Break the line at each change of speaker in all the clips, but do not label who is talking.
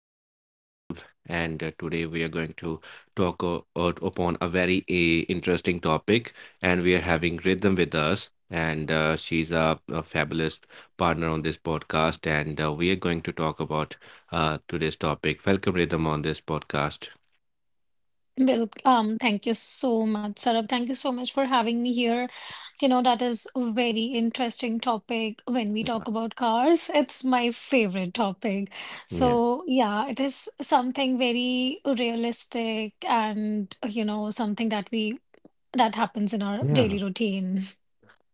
Myself Sarab, and today we are going to talk upon a very interesting topic. And we are having Rhythm with us, and she's a fabulous partner on this podcast. And we are going to talk about today's topic. Welcome Rhythm on this podcast.
Thank you so much, Sarab. Thank you so much for having me here. You know, that is a very interesting topic when we talk about cars. It's my favorite topic.
Yeah.
So, yeah, it is something very realistic and, you know, something that we that happens in our
Yeah.
daily routine.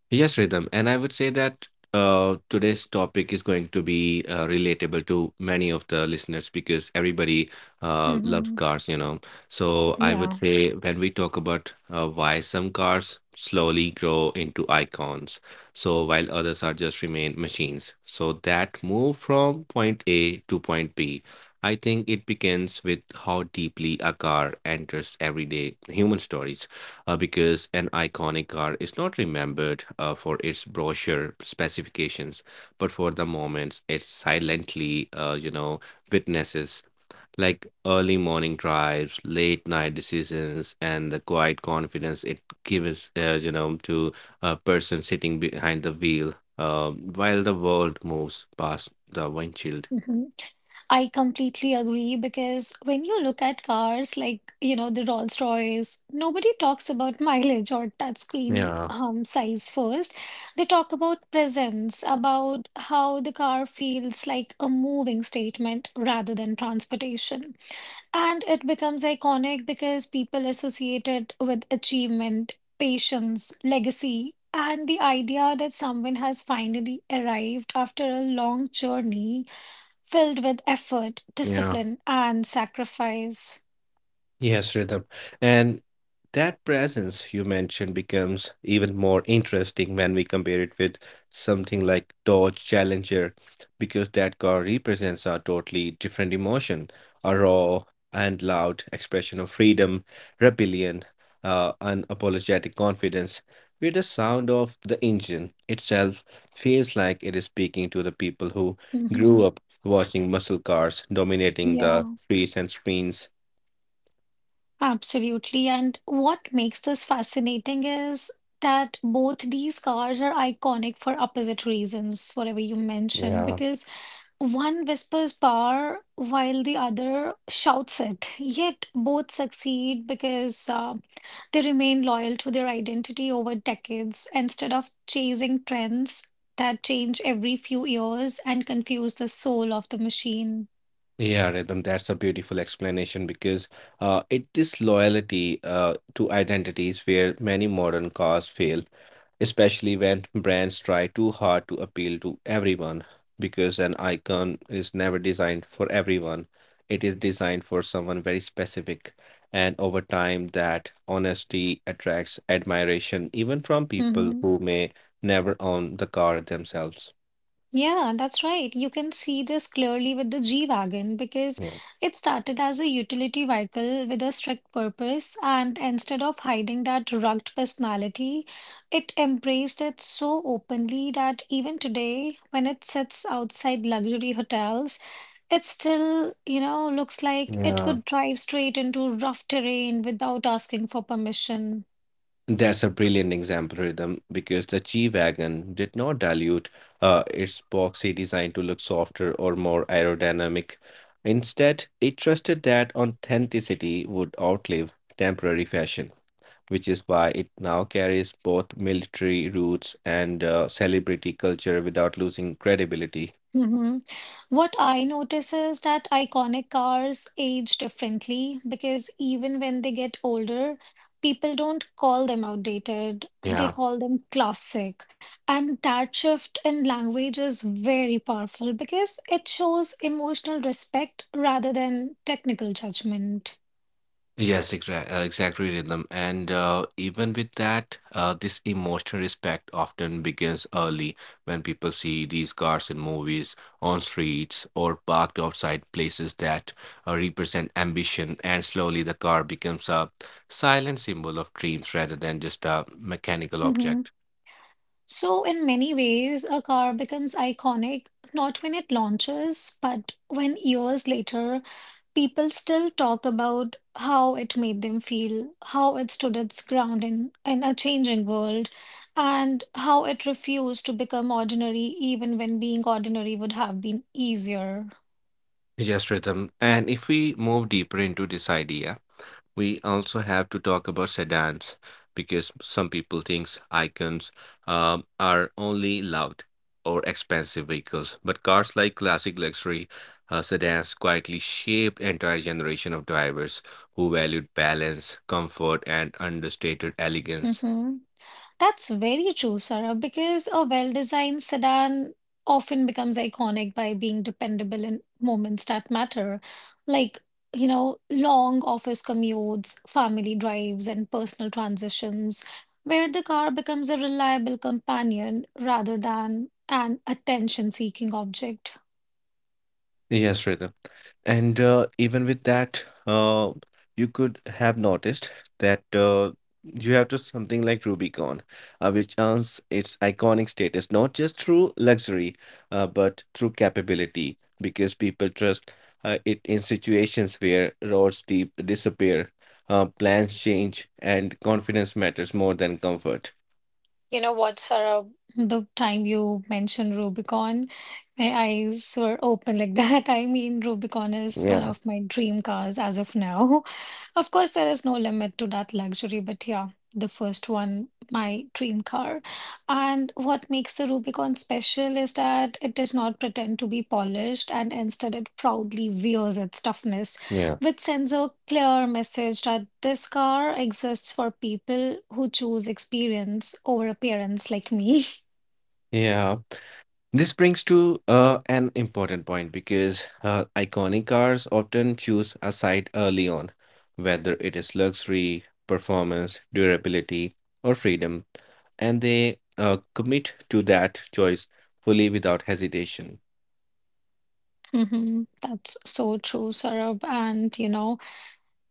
Yes, Rhythm. And I would say that today's topic is going to be relatable to many of the listeners because everybody loves
hmm
cars, you know. So I would
Yeah.
say when we talk about why some cars slowly grow into icons, so while others are just remain machines. So that move from point A to point B, I think it begins with how deeply a car enters everyday human stories because an iconic car is not remembered for its brochure specifications, but for the moments it silently, witnesses, like early morning drives, late night decisions, and the quiet confidence it gives, to a person sitting behind the wheel while the world moves past the windshield.
Mhm. I completely agree because when you look at cars like, you know, the Rolls-Royce, nobody talks about mileage or touchscreen
Yeah,
size first. They talk about presence, about how the car feels like a moving statement rather than transportation. And it becomes iconic because people associate it with achievement, patience, legacy. And the idea that someone has finally arrived after a long journey filled with effort,
yeah.
discipline, and sacrifice.
Yes, rhythm. And that presence you mentioned becomes even more interesting when we compare it with something like Dodge Challenger, because that car represents a totally different emotion, a raw and loud expression of freedom, rebellion, unapologetic confidence, where the sound of the engine itself feels like it is speaking to the people who
Mhm.
grew up watching muscle cars dominating the
Yeah,
streets and screens.
absolutely. And what makes this fascinating is that both these cars are iconic for opposite reasons, whatever you mentioned, because one whispers power while the other shouts it, yet both succeed because they remain loyal to their identity over decades instead of chasing trends that change every few years and confuse the soul of the machine.
Yeah, Rhythm, that's a beautiful explanation because it is loyalty to identities where many modern cars fail, especially when brands try too hard to appeal to everyone. Because an icon is never designed for everyone, it is designed for someone very specific. And over time, that honesty attracts admiration, even from people
Mhm.
who may never own the car themselves.
Yeah, that's right. You can see this clearly with the G-Wagon because
Yeah.
it started as a utility vehicle with a strict purpose, and instead of hiding that rugged personality, it embraced it so openly that even today, when it sits outside luxury hotels, it still, you know, looks like it
Yeah,
could drive straight into rough terrain without asking for permission.
that's a brilliant example, Rhythm, because the G-Wagon did not dilute its boxy design to look softer or more aerodynamic. Instead, it trusted that authenticity would outlive temporary fashion, which is why it now carries both military roots and celebrity culture without losing credibility.
Hmm. What I notice is that iconic cars age differently because even when they get older, people don't call them outdated, they
Yeah.
call them classic. And that shift in language is very powerful because it shows emotional respect rather than technical judgment.
Yes, exactly, rhythm. And even with that, this emotional respect often begins early when people see these cars in movies, on streets, or parked outside places that represent ambition. And slowly, the car becomes a silent symbol of dreams rather than just a mechanical
Hmm.
object.
So, in many ways, a car becomes iconic not when it launches, but when years later people still talk about how it made them feel, how it stood its ground in a changing world, and how it refused to become ordinary even when being ordinary would have been easier.
Yes, yes, Rhythm. And if we move deeper into this idea, we also have to talk about sedans because some people think icons are only loud or expensive vehicles. But cars like classic luxury sedans quietly shaped entire generation of drivers who valued balance, comfort, and understated elegance.
Hmm. That's very true, Sarah, because a well-designed sedan often becomes iconic by being dependable in moments that matter, like, you know, long office commutes, family drives, and personal transitions, where the car becomes a reliable companion rather than an attention-seeking object.
Yes, Rhythm. And even with that, you could have noticed that you have to something like Rubicon, which earns its iconic status not just through luxury, but through capability, because people trust it in situations where roads deep disappear, plans change, and confidence matters more than comfort.
You know what, Sarah, the time you mentioned Rubicon, my eyes were open like that. I mean, Rubicon is one
Yeah,
of my dream cars as of now. Of course, there is no limit to that luxury, but yeah, the first one, my dream car. And what makes the Rubicon special is that it does not pretend to be polished, and instead it proudly wears its toughness,
yeah.
which sends a clear message that this car exists for people who choose experience over appearance, like me.
Yeah. This brings to an important point because iconic cars often choose a side early on, whether it is luxury, performance, durability, or freedom, and they commit to that choice fully without hesitation.
Mhm. That's so true, Saurabh. And you know,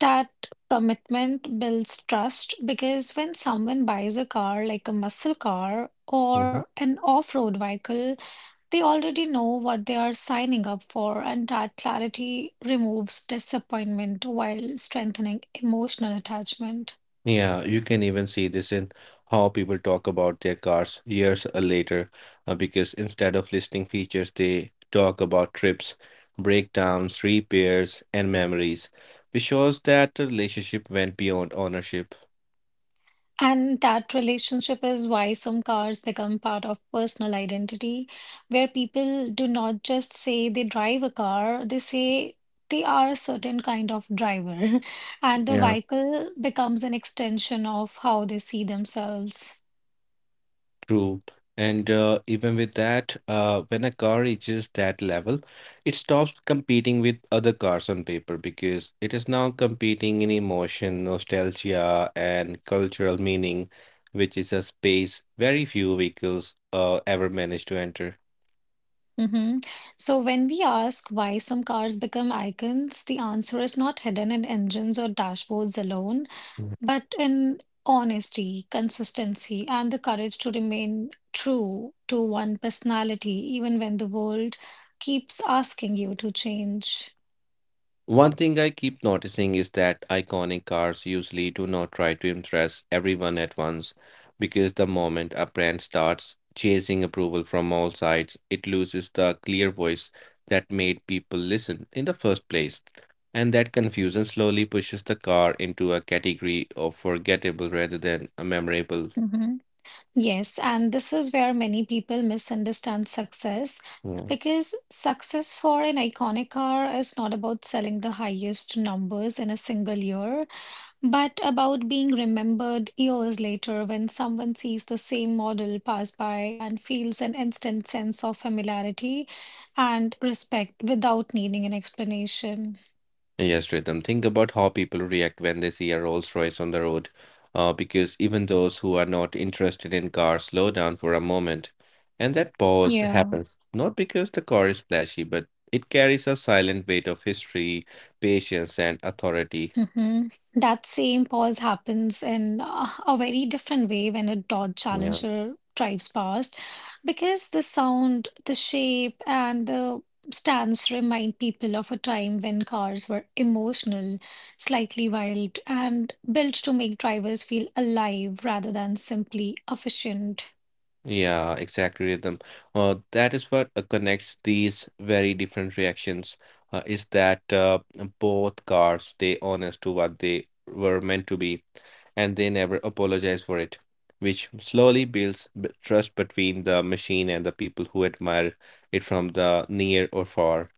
that commitment builds trust because when someone buys a car, like a muscle car or an off-road vehicle, they already know what they are signing up for, and that clarity removes disappointment while strengthening emotional attachment.
Yeah, you can even see this in how people talk about their cars years later, because instead of listing features, they talk about trips, breakdowns, repairs, and memories, which shows that the relationship went beyond ownership.
And that relationship is why some cars become part of personal identity, where people do not just say they drive a car, they say they are a certain kind of driver. And the vehicle becomes an extension of how they see themselves.
True. And even with that, when a car reaches that level, it stops competing with other cars on paper because it is now competing in emotion, nostalgia, and cultural meaning, which is a space very few vehicles ever manage to enter.
Mhm. So when we ask why some cars become icons, the answer is not hidden in engines or dashboards alone, but in honesty, consistency, and the courage to remain true to one personality, even when the world keeps asking you to change.
One thing I keep noticing is that iconic cars usually do not try to impress everyone at once because the moment a brand starts chasing approval from all sides, it loses the clear voice that made people listen in the first place. And that confusion slowly pushes the car into a category of forgettable rather than a memorable.
Mhm. Yes, and this is where many people misunderstand success
Yeah.
because success for an iconic car is not about selling the highest numbers in a single year, but about being remembered years later when someone sees the same model pass by and feels an instant sense of familiarity and respect without needing an explanation.
Yes, Rhythm. Think about how people react when they see a Rolls-Royce on the road, because even those who are not interested in cars slow down for a moment. And that pause
Yeah.
happens not because the car is flashy, but it carries a silent weight of history, patience, and authority.
Hmm. That same pause happens in a very different way when a Dodge
Yeah.
Challenger drives past, because the sound, the shape, and the stance remind people of a time when cars were emotional, slightly wild, and built to make drivers feel alive rather than simply efficient.
Yeah, exactly, rhythm. That is what connects these very different reactions. Is that Both cars stay honest to what they were meant to be, and they never apologize for it, which slowly builds b trust between the machine and the people who admire it from the near or far.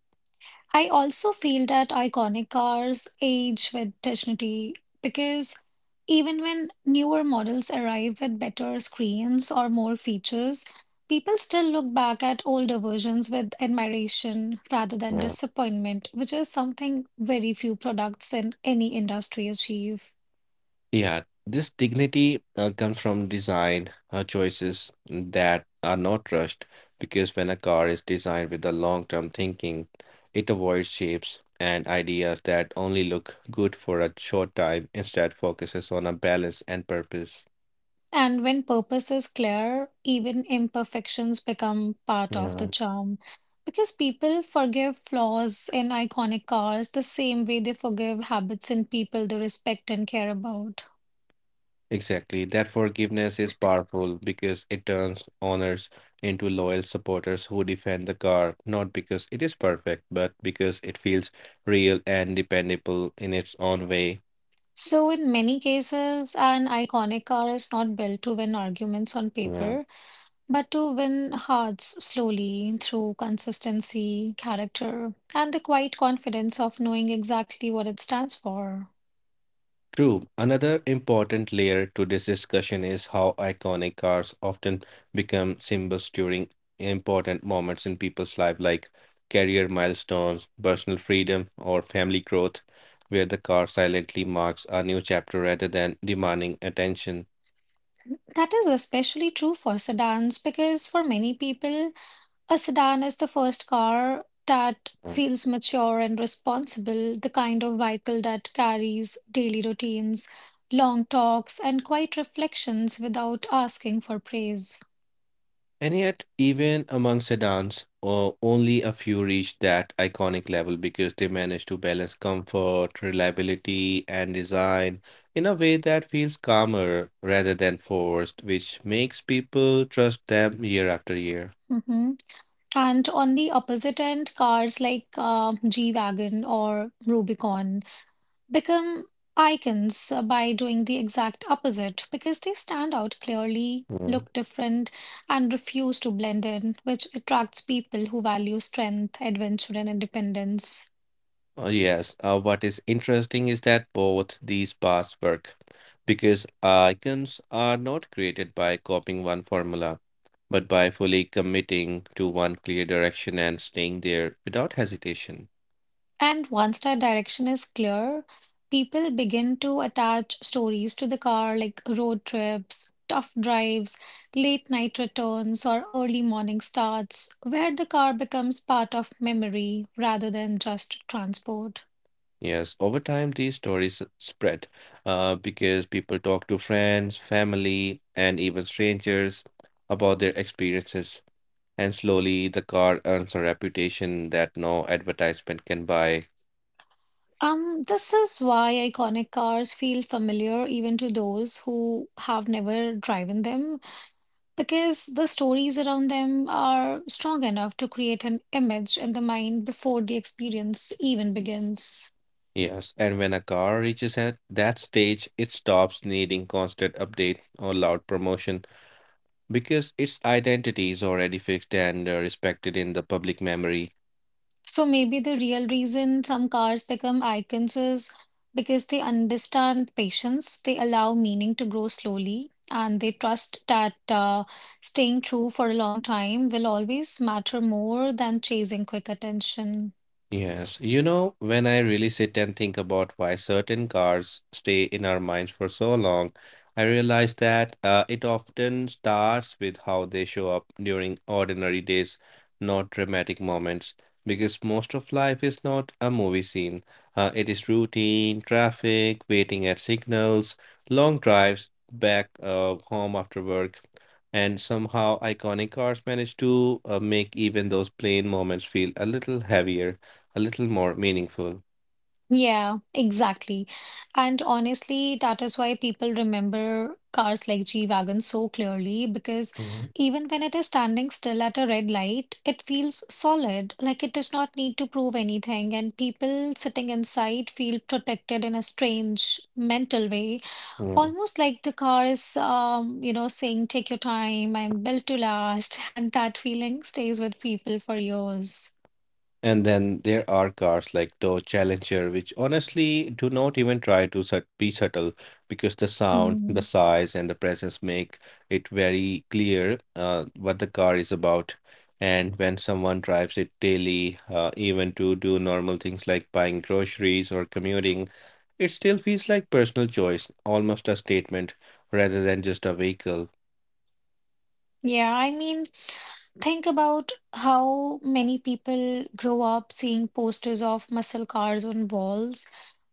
I also feel that iconic cars age with dignity because even when newer models arrive with better screens or more features, people still look back at older versions with admiration rather than
Yeah.
disappointment, which is something very few products in any industry achieve.
Yeah, this dignity comes from design choices that are not rushed because when a car is designed with a long-term thinking, it avoids shapes and ideas that only look good for a short time, instead focuses on a balance and purpose.
And when purpose is clear, even imperfections become part of the
Yeah.
charm, because people forgive flaws in iconic cars the same way they forgive habits in people they respect and care about.
Exactly. That forgiveness is powerful because it turns owners into loyal supporters who defend the car, not because it is perfect, but because it feels real and dependable in its own way.
So, in many cases, an iconic car is not built to win arguments on
Yeah,
paper, but to win hearts slowly through consistency, character, and the quiet confidence of knowing exactly what it stands for.
true. Another important layer to this discussion is how iconic cars often become symbols during important moments in people's life, like career milestones, personal freedom, or family growth, where the car silently marks a new chapter rather than demanding attention.
That is especially true for sedans because for many people, a sedan is the first car that feels mature and responsible, the kind of vehicle that carries daily routines, long talks, and quiet reflections without asking for praise.
And yet, even among sedans, only a few reach that iconic level because they manage to balance comfort, reliability, and design in a way that feels calmer rather than forced, which makes people trust them year after year.
Mhm. And on the opposite end, cars like G-Wagon or Rubicon become icons by doing the exact opposite because they stand out clearly,
Hmm.
look different, and refuse to blend in, which attracts people who value strength, adventure, and independence.
Yes, what is interesting is that both these paths work because icons are not created by copying one formula, but by fully committing to one clear direction and staying there without hesitation.
And once that direction is clear, people begin to attach stories to the car like road trips, tough drives, late night returns, or early morning starts, where the car becomes part of memory rather than just transport.
Yes, over time, these stories spread because people talk to friends, family, and even strangers about their experiences, and slowly the car earns a reputation that no advertisement can buy.
This is why iconic cars feel familiar even to those who have never driven them, because the stories around them are strong enough to create an image in the mind before the experience even begins.
Yes, and when a car reaches at that stage, it stops needing constant update or loud promotion because its identity is already fixed and respected in the public memory.
So maybe the real reason some cars become icons is because they understand patience, they allow meaning to grow slowly, and they trust that staying true for a long time will always matter more than chasing quick attention.
Yes, you know, when I really sit and think about why certain cars stay in our minds for so long, I realize that it often starts with how they show up during ordinary days, not dramatic moments. Because most of life is not a movie scene. It is routine, traffic, waiting at signals, long drives back home after work. And somehow iconic cars manage to make even those plain moments feel a little heavier a little more meaningful.
Yeah, exactly. And honestly, that is why people remember cars like G-Wagon so clearly, because
Mhm.
even when it is standing still at a red light, it feels solid, like it does not need to prove anything. And people sitting inside feel protected in a strange mental way,
Yeah.
almost like the car is, you know, saying, "Take your time, I'm built to last." And that feeling stays with people for years.
And then there are cars like Dodge Challenger, which honestly do not even try to be subtle because the sound, the
Mm.
size, and the presence make it very clear what the car is about. And when someone drives it daily, even to do normal things like buying groceries or commuting, it still feels like personal choice, almost a statement rather than just a vehicle.
Yeah, I mean, think about how many people grow up seeing posters of muscle cars on walls,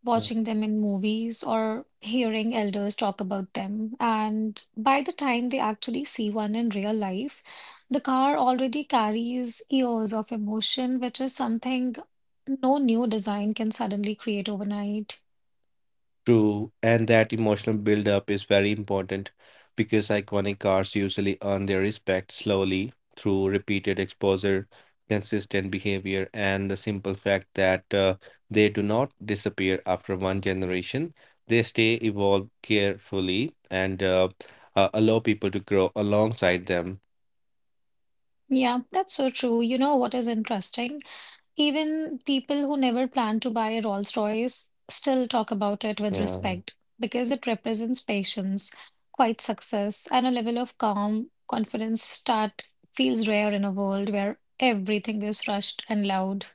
watching them in movies, or hearing elders talk about them. And by the time they actually see one in real life, the car already carries years of emotion, which is something no new design can suddenly create overnight.
True, and that emotional build-up is very important because iconic cars usually earn their respect slowly through repeated exposure, consistent behavior, and the simple fact that they do not disappear after one generation. They stay evolve carefully and allow people to grow alongside them.
Yeah, that's so true. You know what is interesting? Even people who never plan to buy a Rolls-Royce still talk about it with
Yeah.
respect because it represents patience, quiet success, and a level of calm confidence that feels rare in a world where everything is rushed and loud.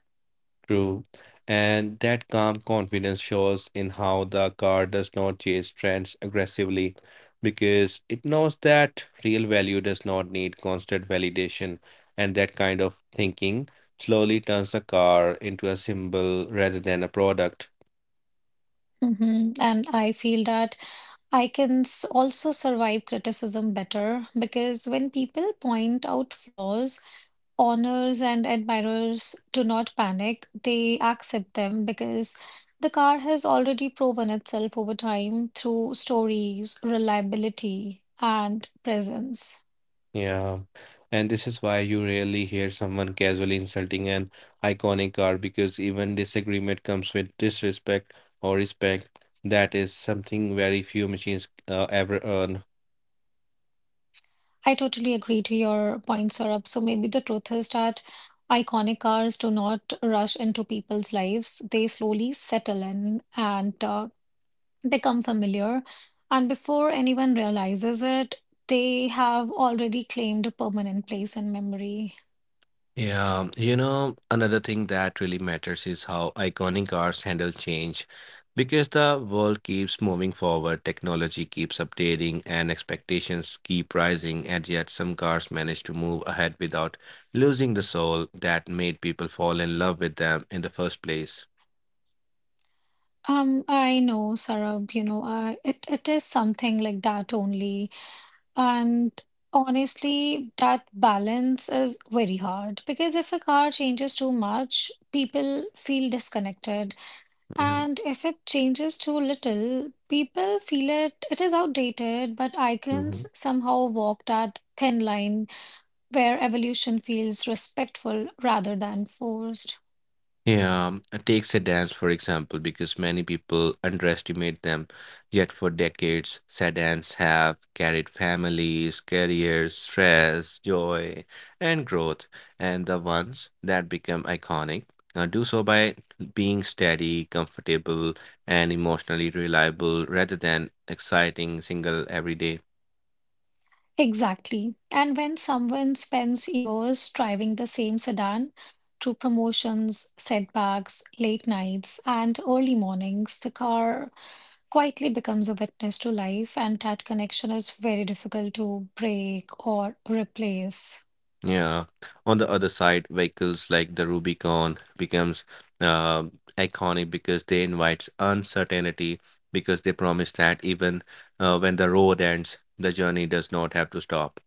True. And that calm confidence shows in how the car does not chase trends aggressively because it knows that real value does not need constant validation. And that kind of thinking slowly turns the car into a symbol rather than a product.
Mhm. And I feel that I can also survive criticism better because when people point out flaws, honors and admirers do not panic. They accept them because the car has already proven itself over time through stories, reliability, and presence.
Yeah. And this is why you rarely hear someone casually insulting an iconic car because even disagreement comes with disrespect or respect. That is something very few machines ever earn.
I totally agree to your point, Saurabh. So maybe the truth is that iconic cars do not rush into people's lives. They slowly settle in and become familiar. And before anyone realizes it, they have already claimed a permanent place in memory.
Yeah, you know, another thing that really matters is how iconic cars handle change. Because the world keeps moving forward, technology keeps updating, and expectations keep rising, and yet some cars manage to move ahead without losing the soul that made people fall in love with them in the first place.
I know, Sarab, you know, it is something like that only. And honestly, that balance is very hard because if a car changes too much, people feel disconnected.
Yeah.
And if it changes too little, people feel it is outdated, but icons somehow walk that thin line where evolution feels respectful rather than forced.
Yeah, takes a dance, for example, because many people underestimate them. Yet for decades, sedans have carried families, careers, stress, joy, and growth. And the ones that become iconic do so by being steady, comfortable, and emotionally reliable rather than exciting single every day.
Exactly. And when someone spends years driving the same sedan through promotions, setbacks, late nights, and early mornings, the car quietly becomes a witness to life, and that connection is very difficult to break or replace.
Yeah. On the other side, vehicles like the Rubicon becomes uh, iconic because they invite uncertainty because they promise that even when the road ends, the journey does not have to stop.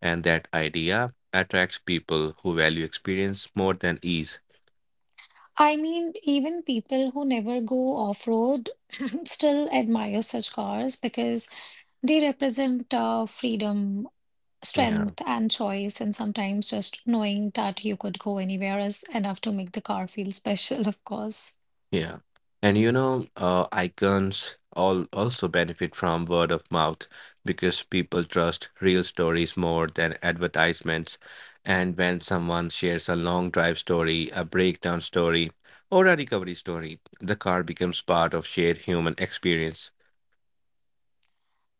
And that idea attracts people who value experience more than ease.
I mean, even people who never go off-road still admire such cars because they represent freedom,
Yeah.
strength, and choice, and sometimes just knowing that you could go anywhere is enough to make the car feel special, of course.
Yeah. And you know, icons all also benefit from word of mouth because people trust real stories more than advertisements. And when someone shares a long drive story, a breakdown story, or a recovery story, the car becomes part of shared human experience.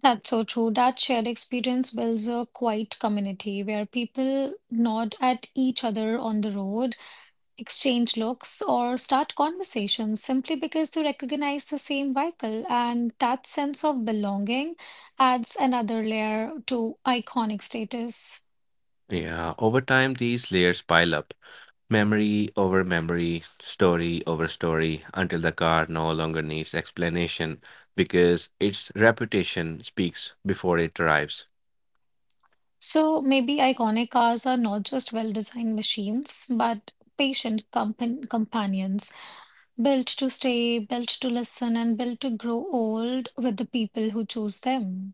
That's so true. That shared experience builds a quiet community where people nod at each other on the road, exchange looks, or start conversations simply because they recognize the same vehicle. And that sense of belonging adds another layer to iconic status.
Yeah, over time, these layers pile up. Memory over memory, story over story, until the car no longer needs explanation because its reputation speaks before it arrives.
So maybe iconic cars are not just well-designed machines, but patient companions, built to stay, built to listen, and built to grow old with the people who choose them.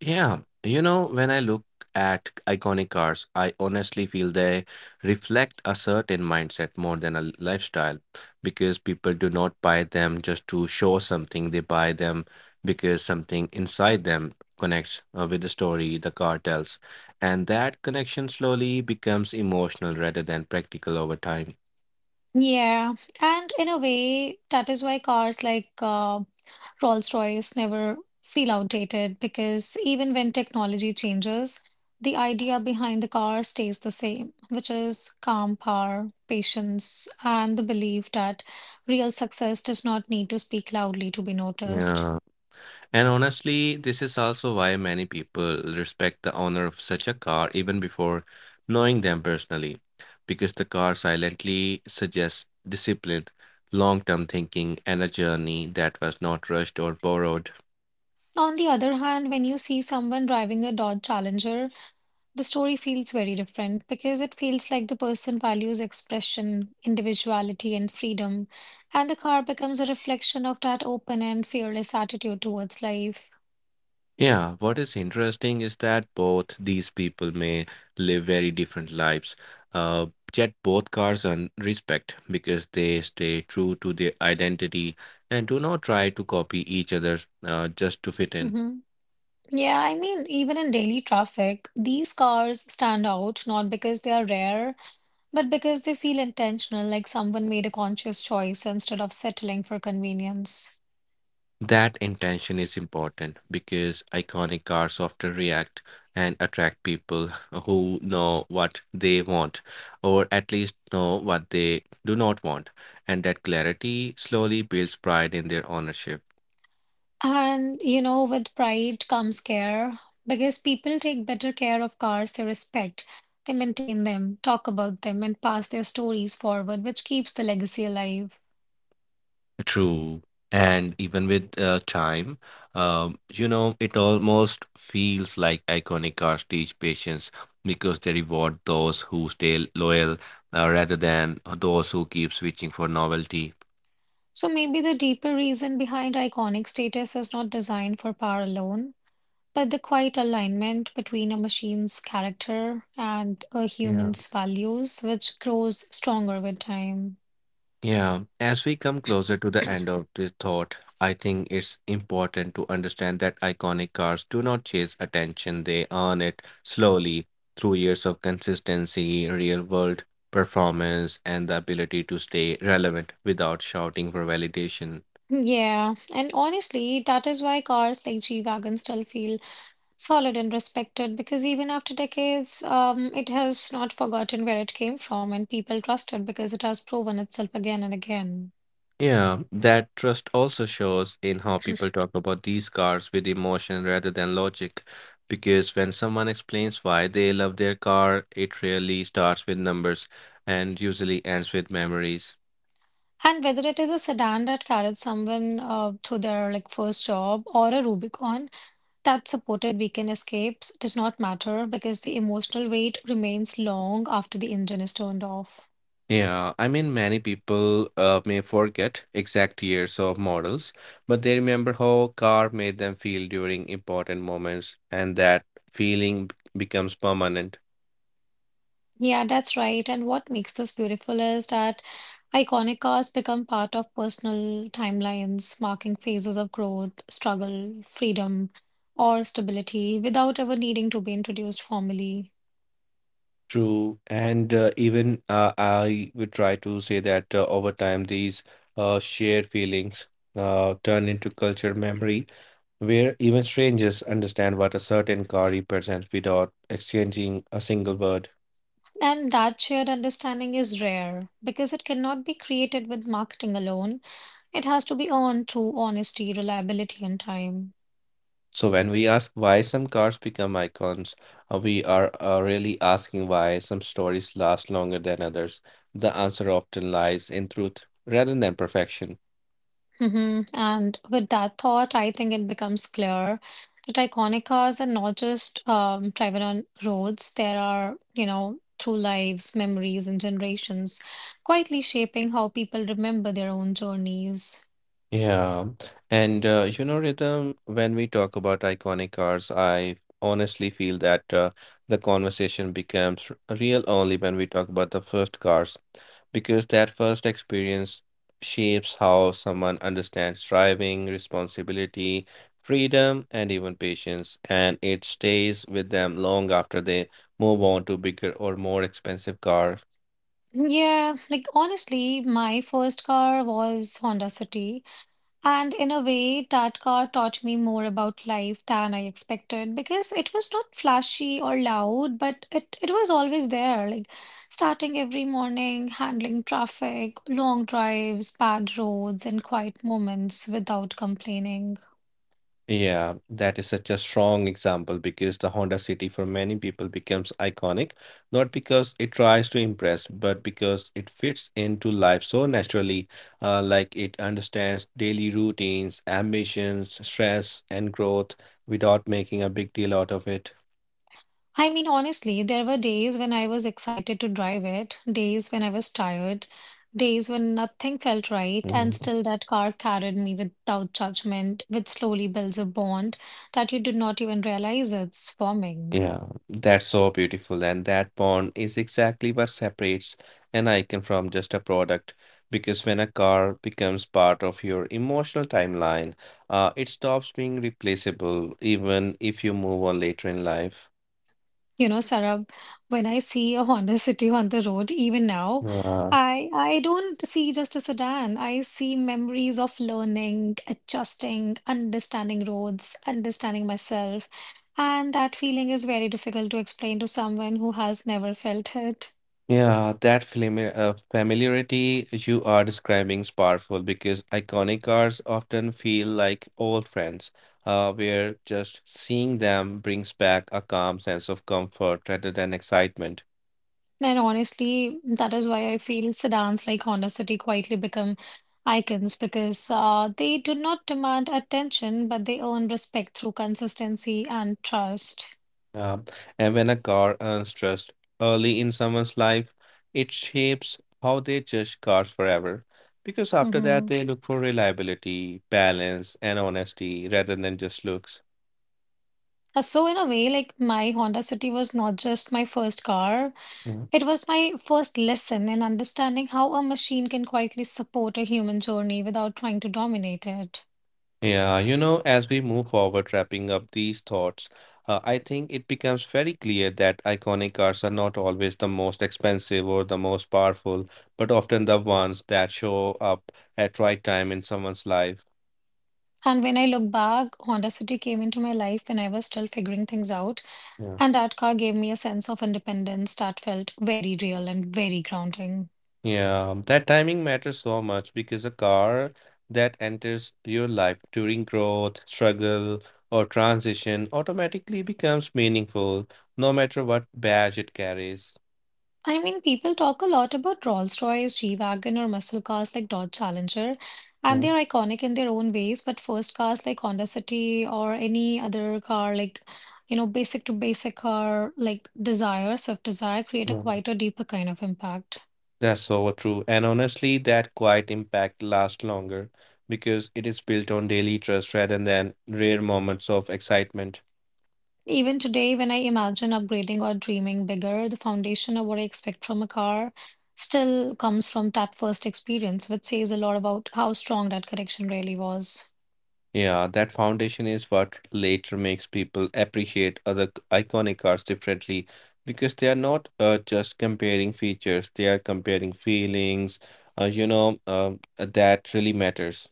Yeah, you know, when I look at iconic cars, I honestly feel they reflect a certain mindset more than a lifestyle because people do not buy them just to show something. They buy them because something inside them connects with the story the car tells. And that connection slowly becomes emotional rather than practical over time.
Yeah, and in a way, that is why cars like Rolls-Royce never feel outdated because even when technology changes, the idea behind the car stays the same, which is calm power, patience, and the belief that real success does not need to speak loudly to be noticed.
Yeah. And honestly, this is also why many people respect the owner of such a car even before knowing them personally, because the car silently suggests discipline, long term thinking, and a journey that was not rushed or borrowed.
On the other hand, when you see someone driving a Dodge Challenger, the story feels very different because it feels like the person values expression, individuality, and freedom, and the car becomes a reflection of that open and fearless attitude towards life.
Yeah, what is interesting is that both these people may live very different lives, uh, yet both cars earn respect because they stay true to their identity and do not try to copy each other just to fit in.
Hmm. Yeah, I mean, even in daily traffic, these cars stand out not because they are rare, but because they feel intentional, like someone made a conscious choice instead of settling for convenience.
That intention is important because iconic cars often react and attract people who know what they want, or at least know what they do not want, and that clarity slowly builds pride in their ownership.
And you know, with pride comes care because people take better care of cars they respect. They maintain them, talk about them, and pass their stories forward, which keeps the legacy alive.
True. And even with time, you know, it almost feels like iconic cars teach patience because they reward those who stay loyal rather than those who keep switching for novelty.
So maybe the deeper reason behind iconic status is not designed for power alone, but the quiet alignment between a machine's character and a
Yeah.
human's values, which grows stronger with time.
Yeah, as we come closer to the end of this thought, I think it's important to understand that iconic cars do not chase attention, they earn it slowly through years of consistency, real world performance, and the ability to stay relevant without shouting for validation.
Yeah, and honestly, that is why cars like G-Wagon still feel solid and respected because even after decades, it has not forgotten where it came from and people trust it because it has proven itself again and again.
Yeah, that trust also shows in how people talk about these cars with emotion rather than logic. Because when someone explains why they love their car, it rarely starts with numbers and usually ends with memories.
And whether it is a sedan that carried someone to their like first job or a Rubicon that supported weekend escapes does not matter because the emotional weight remains long after the engine is turned off.
Yeah, I mean, many people may forget exact years of models, but they remember how car made them feel during important moments, and that feeling becomes permanent.
Yeah, that's right. And what makes this beautiful is that iconic cars become part of personal timelines, marking phases of growth, struggle, freedom, or stability without ever needing to be introduced formally.
True, and even I would try to say that over time, these shared feelings turn into cultural memory, where even strangers understand what a certain car represents without exchanging a single word.
And that shared understanding is rare because it cannot be created with marketing alone. It has to be earned through honesty, reliability, and time.
So when we ask why some cars become icons, we are really asking why some stories last longer than others. The answer often lies in truth rather than perfection.
Hmm. And with that thought, I think it becomes clear that iconic cars are not just driven on roads. There are, you know, through lives, memories, and generations, quietly shaping how people remember their own journeys.
Yeah, and you know, Rhythm, when we talk about iconic cars, I honestly feel that the conversation becomes real only when we talk about the first cars, because that first experience shapes how someone understands driving, responsibility, freedom, and even patience, and it stays with them long after they move on to bigger or more expensive cars.
Yeah, like honestly, my first car was Honda City. And in a way, Tatkar taught me more about life than I expected because it was not flashy or loud, but it was always there, like starting every morning, handling traffic, long drives, bad roads, and quiet moments without complaining.
Yeah, that is such a strong example because the Honda City for many people becomes iconic, not because it tries to impress, but because it fits into life so naturally, like it understands daily routines, ambitions, stress, and growth without making a big deal out of it.
I mean, honestly, there were days when I was excited to drive it, days when I was tired, days when nothing felt right, and
Mm-hmm.
still that car carried me without judgment, which slowly builds a bond that you do not even realize it's forming.
Yeah, that's so beautiful. And that bond is exactly what separates an icon from just a product. Because when a car becomes part of your emotional timeline, it stops being replaceable, even if you move on later in life.
You know, Sarab, when I see a Honda City on the road, even now,
Yeah.
I don't see just a sedan. I see memories of learning, adjusting, understanding roads, understanding myself. And that feeling is very difficult to explain to someone who has never felt it.
Yeah, that familiarity you are describing is powerful because iconic cars often feel like old friends, where just seeing them brings back a calm sense of comfort rather than excitement.
And honestly, that is why I feel sedans like Honda City quietly become icons because they do not demand attention, but they earn respect through consistency and trust.
Yeah. And when a car earns trust early in someone's life, it shapes how they judge cars forever. Because after that,
Mm-hmm.
they look for reliability, balance, and honesty rather than just looks.
So in a way, like my Honda City was not just my first car,
Mm.
it was my first lesson in understanding how a machine can quietly support a human journey without trying to dominate it.
Yeah, you know, as we move forward, wrapping up these thoughts, I think it becomes very clear that iconic cars are not always the most expensive or the most powerful, but often the ones that show up at right time in someone's life.
And when I look back, Honda City came into my life when I was still figuring things out, and that car gave me a sense of independence that felt very real and very grounding.
Yeah, that timing matters so much because a car that enters your life during growth, struggle, or transition automatically becomes meaningful, no matter what badge it carries.
I mean, people talk a lot about Rolls-Royce, G-Wagon, or muscle cars like Dodge Challenger, and
Yeah,
they're iconic in their own ways. But first cars like Honda City or any other car, like, you know, basic to basic car like Desire, Swift Desire, create a
yeah.
quite a deeper kind of impact.
That's so true. And honestly, that quiet impact lasts longer because it is built on daily trust rather than rare moments of excitement.
Even today, when I imagine upgrading or dreaming bigger, the foundation of what I expect from a car still comes from that first experience, which says a lot about how strong that connection really was.
Yeah, that foundation is what later makes people appreciate other iconic cars differently because they are not just comparing features, they are comparing feelings, that really matters.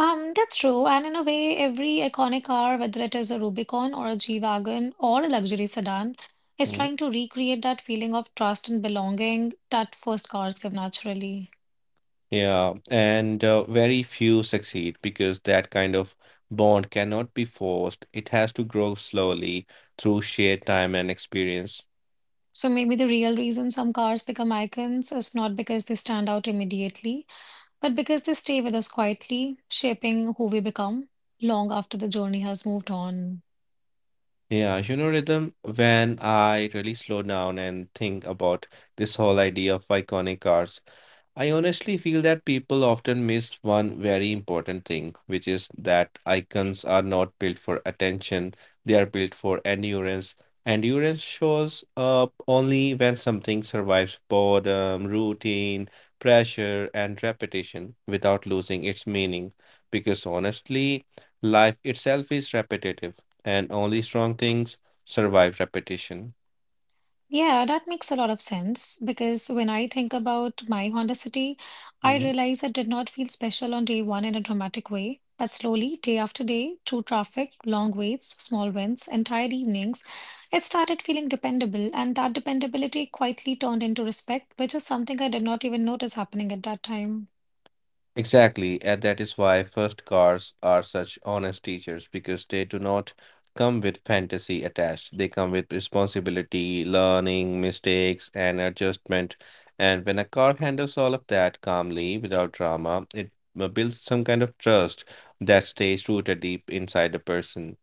That's true. And in a way, every iconic car, whether it is a Rubicon or a G-Wagon or a luxury sedan, is
Mhm.
trying to recreate that feeling of trust and belonging that first cars give naturally.
Yeah, and very few succeed because that kind of bond cannot be forced. It has to grow slowly through shared time and experience.
So maybe the real reason some cars become icons is not because they stand out immediately, but because they stay with us quietly, shaping who we become long after the journey has moved on.
Yeah, you know, Rhythm, when I really slow down and think about this whole idea of iconic cars, I honestly feel that people often miss one very important thing, which is that icons are not built for attention, they are built for endurance. Endurance shows up only when something survives boredom, routine, pressure, and repetition without losing its meaning. Because honestly, life itself is repetitive, and only strong things survive repetition.
Yeah, that makes a lot of sense because when I think about my Honda City, I
Mm-hmm.
realize it did not feel special on day one in a dramatic way. But slowly, day after day, through traffic, long waits, small wins, and tired evenings, it started feeling dependable. And that dependability quietly turned into respect, which is something I did not even notice happening at that time.
Exactly, and that is why first cars are such honest teachers because they do not come with fantasy attached. They come with responsibility, learning, mistakes, and adjustment. And when a car handles all of that calmly, without drama, it builds some kind of trust that stays rooted deep inside a person.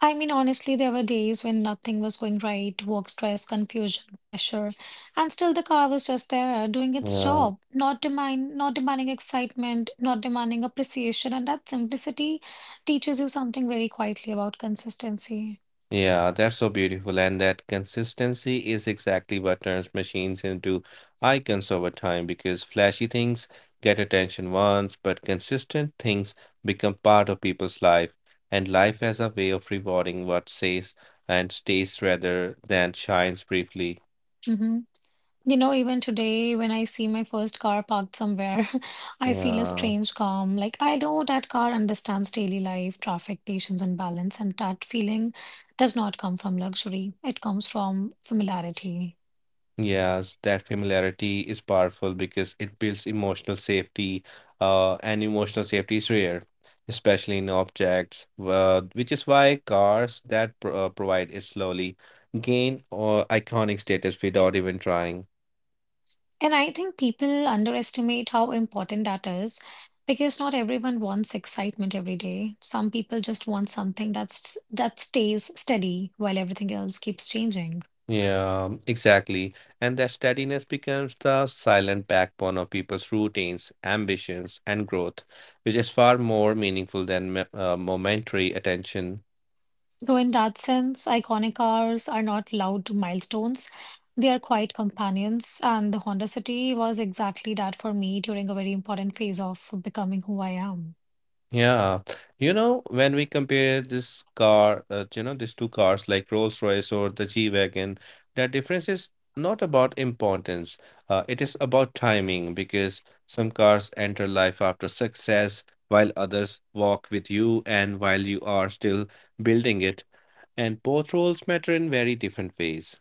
I mean, honestly, there were days when nothing was going right, work stress, confusion, pressure, and still the car was just there doing its
Yeah.
job, not demand, not demanding excitement, not demanding appreciation, and that simplicity teaches you something very quietly about consistency.
Yeah, that's so beautiful. And that consistency is exactly what turns machines into icons over time because flashy things get attention once, but consistent things become part of people's life. And life has a way of rewarding what stays and stays rather than shines briefly.
Mhm. You know, even today, when I see my first car parked somewhere, I feel a
Yeah.
strange calm. Like, I know that car understands daily life, traffic, patience, and balance, and that feeling does not come from luxury. It comes from familiarity.
Yes, that familiarity is powerful because it builds emotional safety, and emotional safety is rare, especially in objects, which is why cars that pr provide it slowly gain or iconic status without even trying.
And I think people underestimate how important that is because not everyone wants excitement every day. Some people just want something that stays steady while everything else keeps changing.
Yeah, exactly. And that steadiness becomes the silent backbone of people's routines, ambitions, and growth, which is far more meaningful than momentary attention.
So, in that sense, iconic cars are not loud milestones. They are quiet companions, and the Honda City was exactly that for me during a very important phase of becoming who I am.
Yeah, you know, when we compare this car, you know, these two cars like Rolls-Royce or the G-Wagon, that difference is not about importance. It is about timing because some cars enter life after success, while others walk with you and while you are still building it. And both roles matter in very different ways.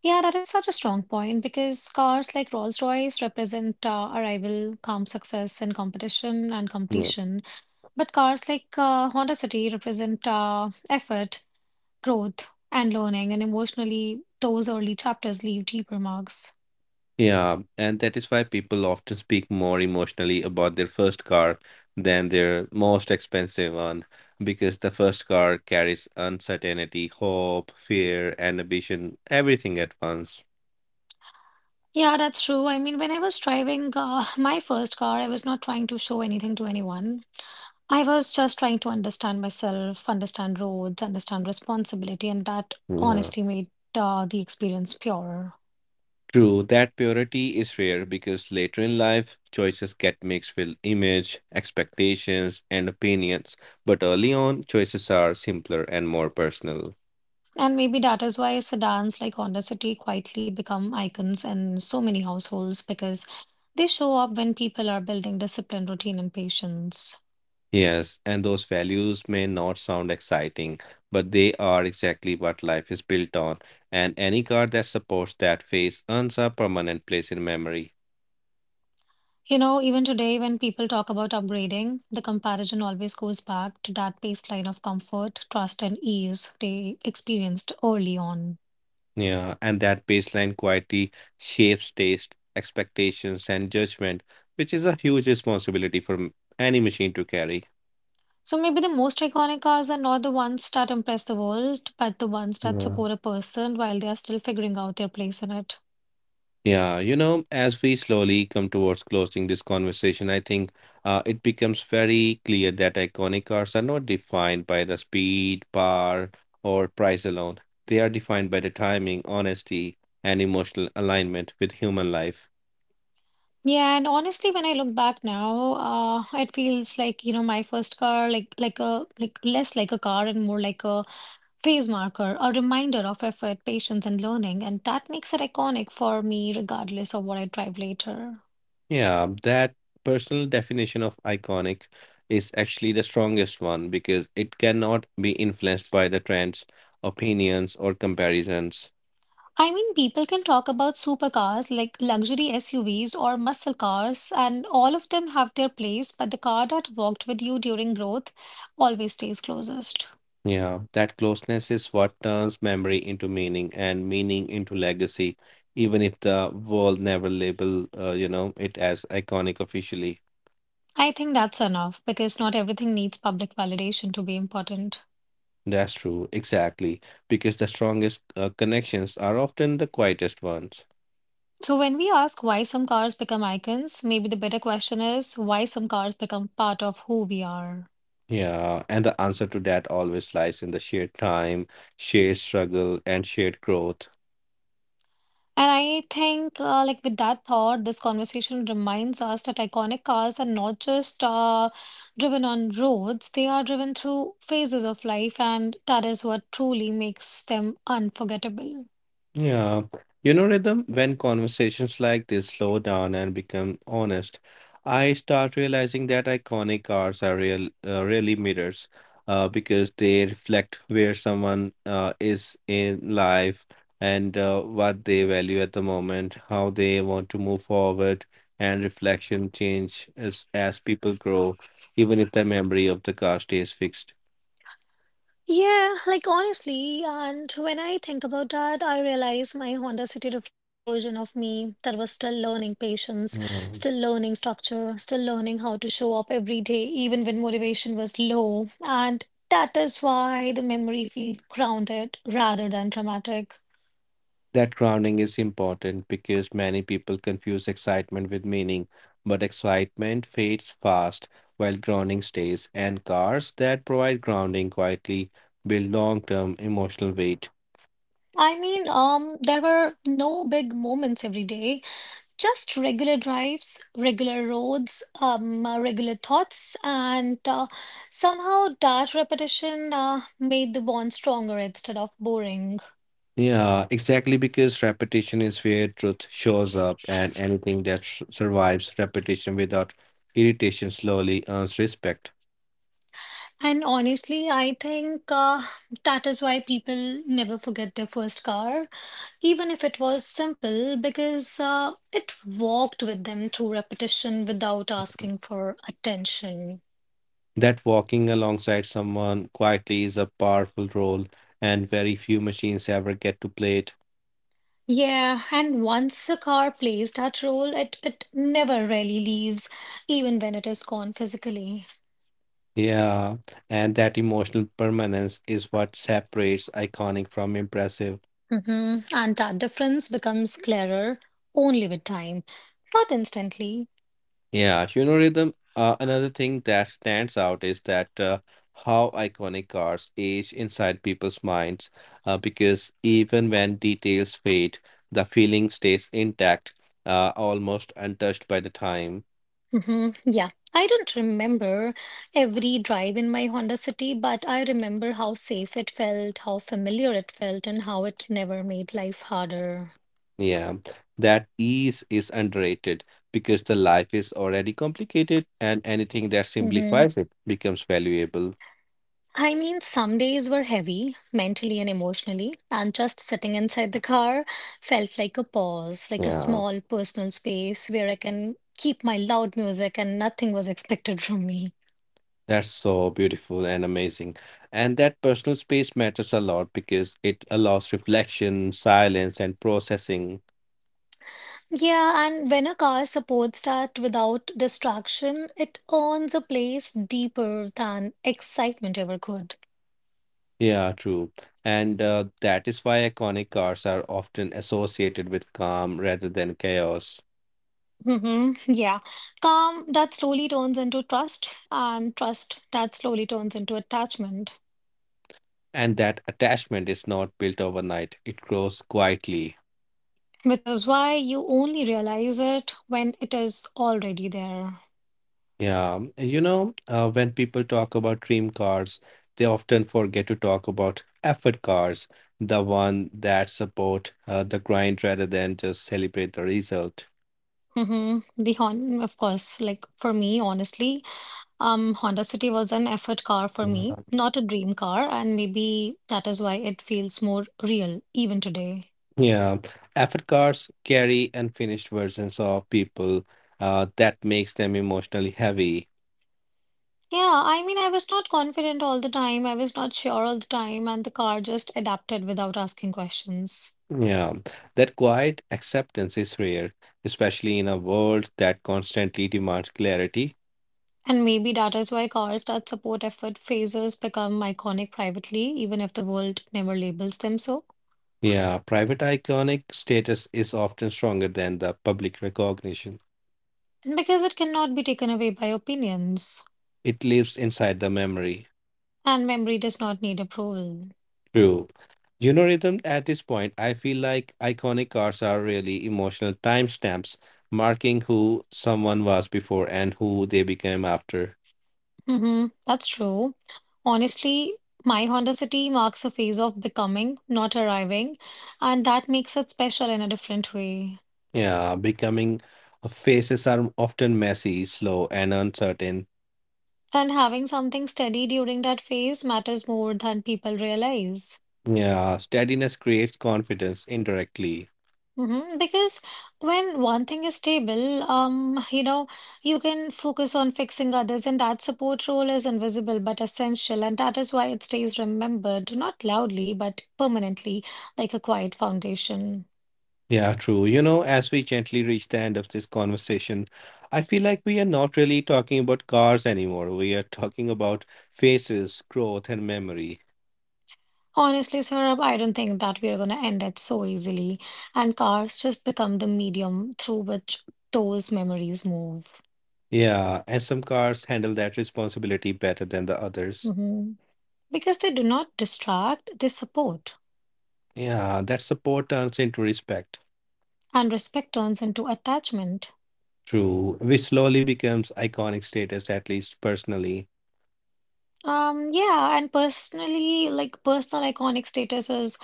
Yeah, that is such a strong point because cars like Rolls-Royce represent arrival, calm success, and competition and completion. But cars like Honda City represent effort, growth, and learning, and emotionally, those early chapters leave deeper marks.
Yeah, and that is why people often speak more emotionally about their first car than their most expensive one, because the first car carries uncertainty, hope, fear, and ambition, everything at once.
Yeah, that's true. I mean, when I was driving my first car, I was not trying to show anything to anyone. I was just trying to understand myself, understand roads, understand responsibility, and that
Yeah.
honesty made the experience pure.
True, that purity is rare because later in life, choices get mixed with image, expectations, and opinions, but early on, choices are simpler and more personal.
And maybe that is why sedans like Honda City quietly become icons in so many households because they show up when people are building discipline, routine, and patience.
Yes, and those values may not sound exciting, but they are exactly what life is built on, and any card that supports that phase earns a permanent place in memory.
You know, even today, when people talk about upgrading, the comparison always goes back to that baseline of comfort, trust, and ease they experienced early on.
Yeah, and that baseline quality shapes taste, expectations, and judgment, which is a huge responsibility for any machine to carry.
So maybe the most iconic cars are not the ones that impress the world, but the ones that
Yeah.
support a person while they are still figuring out their place in it.
Yeah, you know, as we slowly come towards closing this conversation, I think it becomes very clear that iconic cars are not defined by the speed, power, or price alone. They are defined by the timing, honesty, and emotional alignment with human life.
Yeah, and honestly, when I look back now, it feels like, you know, my first car, like less like a car and more like a phase marker, a reminder of effort, patience, and learning, and that makes it iconic for me regardless of what I drive later.
Yeah, that personal definition of iconic is actually the strongest one because it cannot be influenced by the trends, opinions, or comparisons.
I mean, people can talk about supercars like luxury SUVs or muscle cars, and all of them have their place, but the car that walked with you during growth always stays closest.
Yeah, that closeness is what turns memory into meaning and meaning into legacy, even if the world never label, you know, it as iconic officially.
I think that's enough because not everything needs public validation to be important.
That's true, exactly, because the strongest connections are often the quietest ones.
So, when we ask why some cars become icons, maybe the better question is why some cars become part of who we are.
Yeah, and the answer to that always lies in the shared time, shared struggle, and shared growth.
And I think, like with that thought, this conversation reminds us that iconic cars are not just driven on roads, they are driven through phases of life, and that is what truly makes them unforgettable.
Yeah. You know, Rhythm, when conversations like this slow down and become honest, I start realizing that iconic cars are really mirrors because they reflect where someone is in life and what they value at the moment, how they want to move forward, and reflection change as people grow, even if the memory of the car stays fixed.
Yeah, like honestly, and when I think about that, I realize my Honda City reflected a version of me that was still learning patience,
Yeah.
still learning structure, still learning how to show up every day, even when motivation was low. And that is why the memory feels grounded rather than dramatic.
That grounding is important because many people confuse excitement with meaning, but excitement fades fast while grounding stays, and cars that provide grounding quietly build long term emotional weight.
I mean, there were no big moments every day. Just regular drives, regular roads, regular thoughts, and somehow that repetition made the bond stronger instead of boring.
Yeah, exactly because repetition is where truth shows up, and anything that survives repetition without irritation slowly earns respect.
And honestly, I think that is why people never forget their first car, even if it was simple, because it walked with them through repetition without asking for attention.
That walking alongside someone quietly is a powerful role, and very few machines ever get to play it.
Yeah, and once a car plays that role, it never really leaves, even when it is gone physically.
Yeah, and that emotional permanence is what separates iconic from impressive.
Hmm. And that difference becomes clearer only with time, not instantly.
Yeah, you know, Rhythm, another thing that stands out is that how iconic cars age inside people's minds, because even when details fade, the feeling stays intact, almost untouched by the time.
Hmm. Yeah, I don't remember every drive in my Honda City, but I remember how safe it felt, how familiar it felt, and how it never made life harder.
Yeah, that ease is underrated because the life is already complicated, and anything that
Mhm.
simplifies it becomes valuable.
I mean, some days were heavy, mentally and emotionally, and just sitting inside the car felt like a pause, like a
Yeah.
small personal space where I can keep my loud music and nothing was expected from me.
That's so beautiful and amazing. And that personal space matters a lot because it allows reflection, silence, and processing.
Yeah, and when a car supports that without distraction, it earns a place deeper than excitement ever could.
Yeah, true. And that is why iconic cars are often associated with calm rather than chaos.
Hmm. Yeah. Calm that slowly turns into trust, and trust that slowly turns into attachment.
And that attachment is not built overnight, it grows quietly.
Which is why you only realize it when it is already there.
When people talk about dream cars, they often forget to talk about effort cars, the one that support the grind rather than just celebrate the result.
The Hon, of course, like for me, honestly, Honda City was an effort car for me,
Mhm.
not a dream car, and maybe that is why it feels more real even today.
Yeah, effort cars carry unfinished versions of people that makes them emotionally heavy.
Yeah, I mean, I was not confident all the time. I was not sure all the time, and the car just adapted without asking questions.
Yeah, that quiet acceptance is rare, especially in a world that constantly demands clarity.
And maybe that is why cars that support effort phases become iconic privately, even if the world never labels them so.
Yeah, private iconic status is often stronger than the public recognition.
And because it cannot be taken away by opinions,
It lives inside the memory.
and memory does not need approval.
True. You know, Rhythm, at this point, I feel like iconic cars are really emotional timestamps marking who someone was before and who they became after.
That's true. Honestly, my Honda City marks a phase of becoming, not arriving, and that makes it special in a different way.
Yeah, becoming faces are often messy, slow, and uncertain.
And having something steady during that phase matters more than people realize.
Yeah, steadiness creates confidence indirectly.
Because when one thing is stable, you can focus on fixing others, and that support role is invisible but essential, and that is why it stays remembered, not loudly, but permanently, like a quiet foundation.
Yeah, true. You know, as we gently reach the end of this conversation, I feel like we are not really talking about cars anymore. We are talking about faces, growth, and memory.
Honestly, Saurabh, I don't think that we are going to end it so easily, and cars just become the medium through which those memories move.
Yeah, and some cars handle that responsibility better than the others.
hmm Because they do not distract, they support,
Yeah, that support turns into respect.
and respect turns into attachment.
True, which slowly becomes iconic status, at least personally.
Yeah, and personally, like personal iconic status is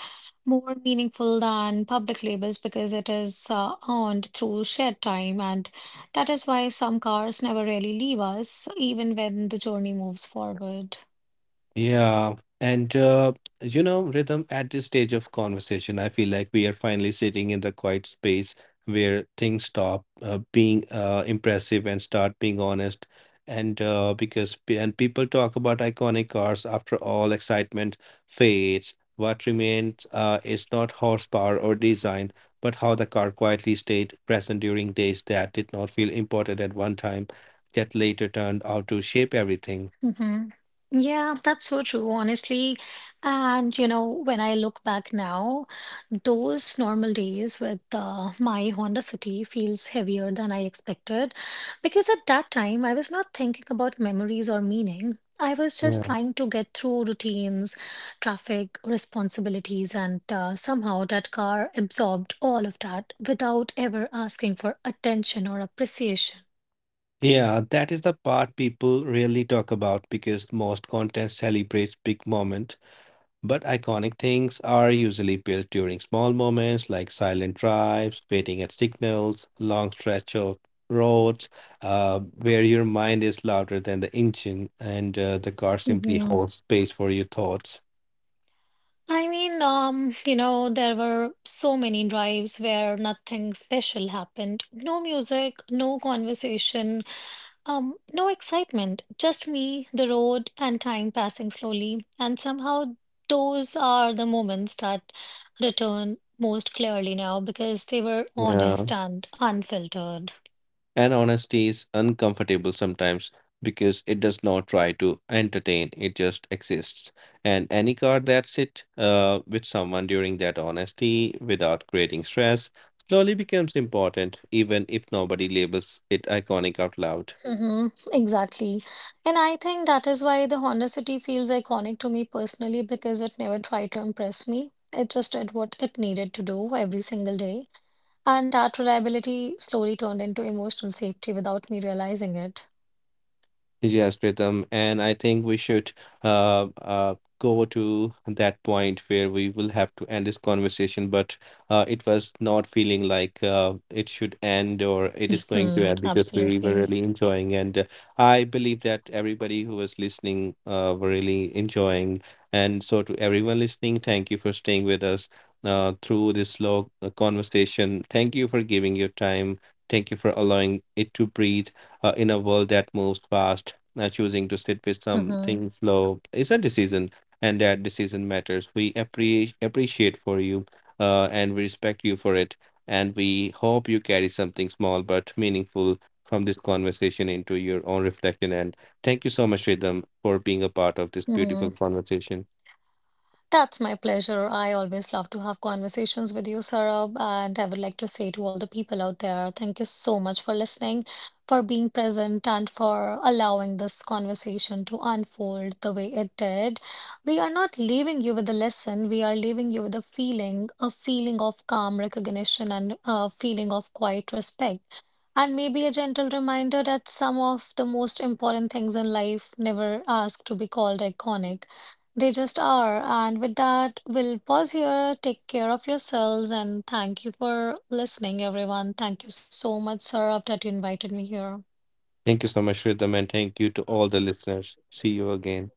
more meaningful than public labels because it is earned through shared time, and that is why some cars never really leave us, even when the journey moves forward.
Yeah, and uh, Rhythm, at this stage of conversation, I feel like we are finally sitting in the quiet space where things stop being impressive and start being honest. And people talk about iconic cars, after all, excitement fades. What remains is not horsepower or design, but how the car quietly stayed present during days that did not feel important at one time, yet later turned out to shape everything.
hmm Yeah, that's so true, honestly. And, you know, when I look back now, those normal days with my Honda City feels heavier than I expected because at that time I was not thinking about memories or meaning. I was just trying to get through routines, traffic, responsibilities, and somehow that car absorbed all of that without ever asking for attention or appreciation.
Yeah, that is the part people rarely talk about because most content celebrates big moments, but iconic things are usually built during small moments like silent drives, waiting at signals, long stretch of roads, where your mind is louder than the engine and the car simply
Mm-hmm.
holds space for your thoughts.
I mean, there were so many drives where nothing special happened. No music, no conversation, no excitement. Just me, the road, and time passing slowly. And somehow those are the moments that return most clearly now because they were honest
Yeah.
and unfiltered.
And honesty is uncomfortable sometimes because it does not try to entertain, it just exists. And any card that sits with someone during that honesty without creating stress slowly becomes important, even if nobody labels it iconic out loud.
Mm-hmm, exactly. And I think that is why the Honda City feels iconic to me personally because it never tried to impress me. It just did what it needed to do every single day. And that reliability slowly turned into emotional safety without me realizing it.
Yes, Pritam, and I think we should go to that point where we will have to end this conversation. But it was not feeling like it should end or it is going to
Hmm,
end because we were
absolutely.
really enjoying. And I believe that everybody who was listening were really enjoying. And so, to everyone listening, thank you for staying with us through this slow conversation. Thank you for giving your time. Thank you for allowing it to breathe in a world that moves fast, choosing to sit with
Mm-hmm,
something slow is a decision, and that decision matters. We appreciate for you, and we respect you for it, and we hope you carry something small but meaningful from this conversation into your own reflection. And thank you so much, Rhythm, for being a part of this
mm-hmm.
beautiful conversation.
That's my pleasure. I always love to have conversations with you, Saurabh, and I would like to say to all the people out there, thank you so much for listening, for being present, and for allowing this conversation to unfold the way it did. We are not leaving you with a lesson, we are leaving you with a feeling of calm recognition and a feeling of quiet respect. And maybe a gentle reminder that some of the most important things in life never ask to be called iconic. They just are. And with that, we'll pause here. Take care of yourselves and thank you for listening, everyone. Thank you so much, Saurabh, that you invited me here.
Thank you so much, Rhythm, and thank you to all the listeners. See you again.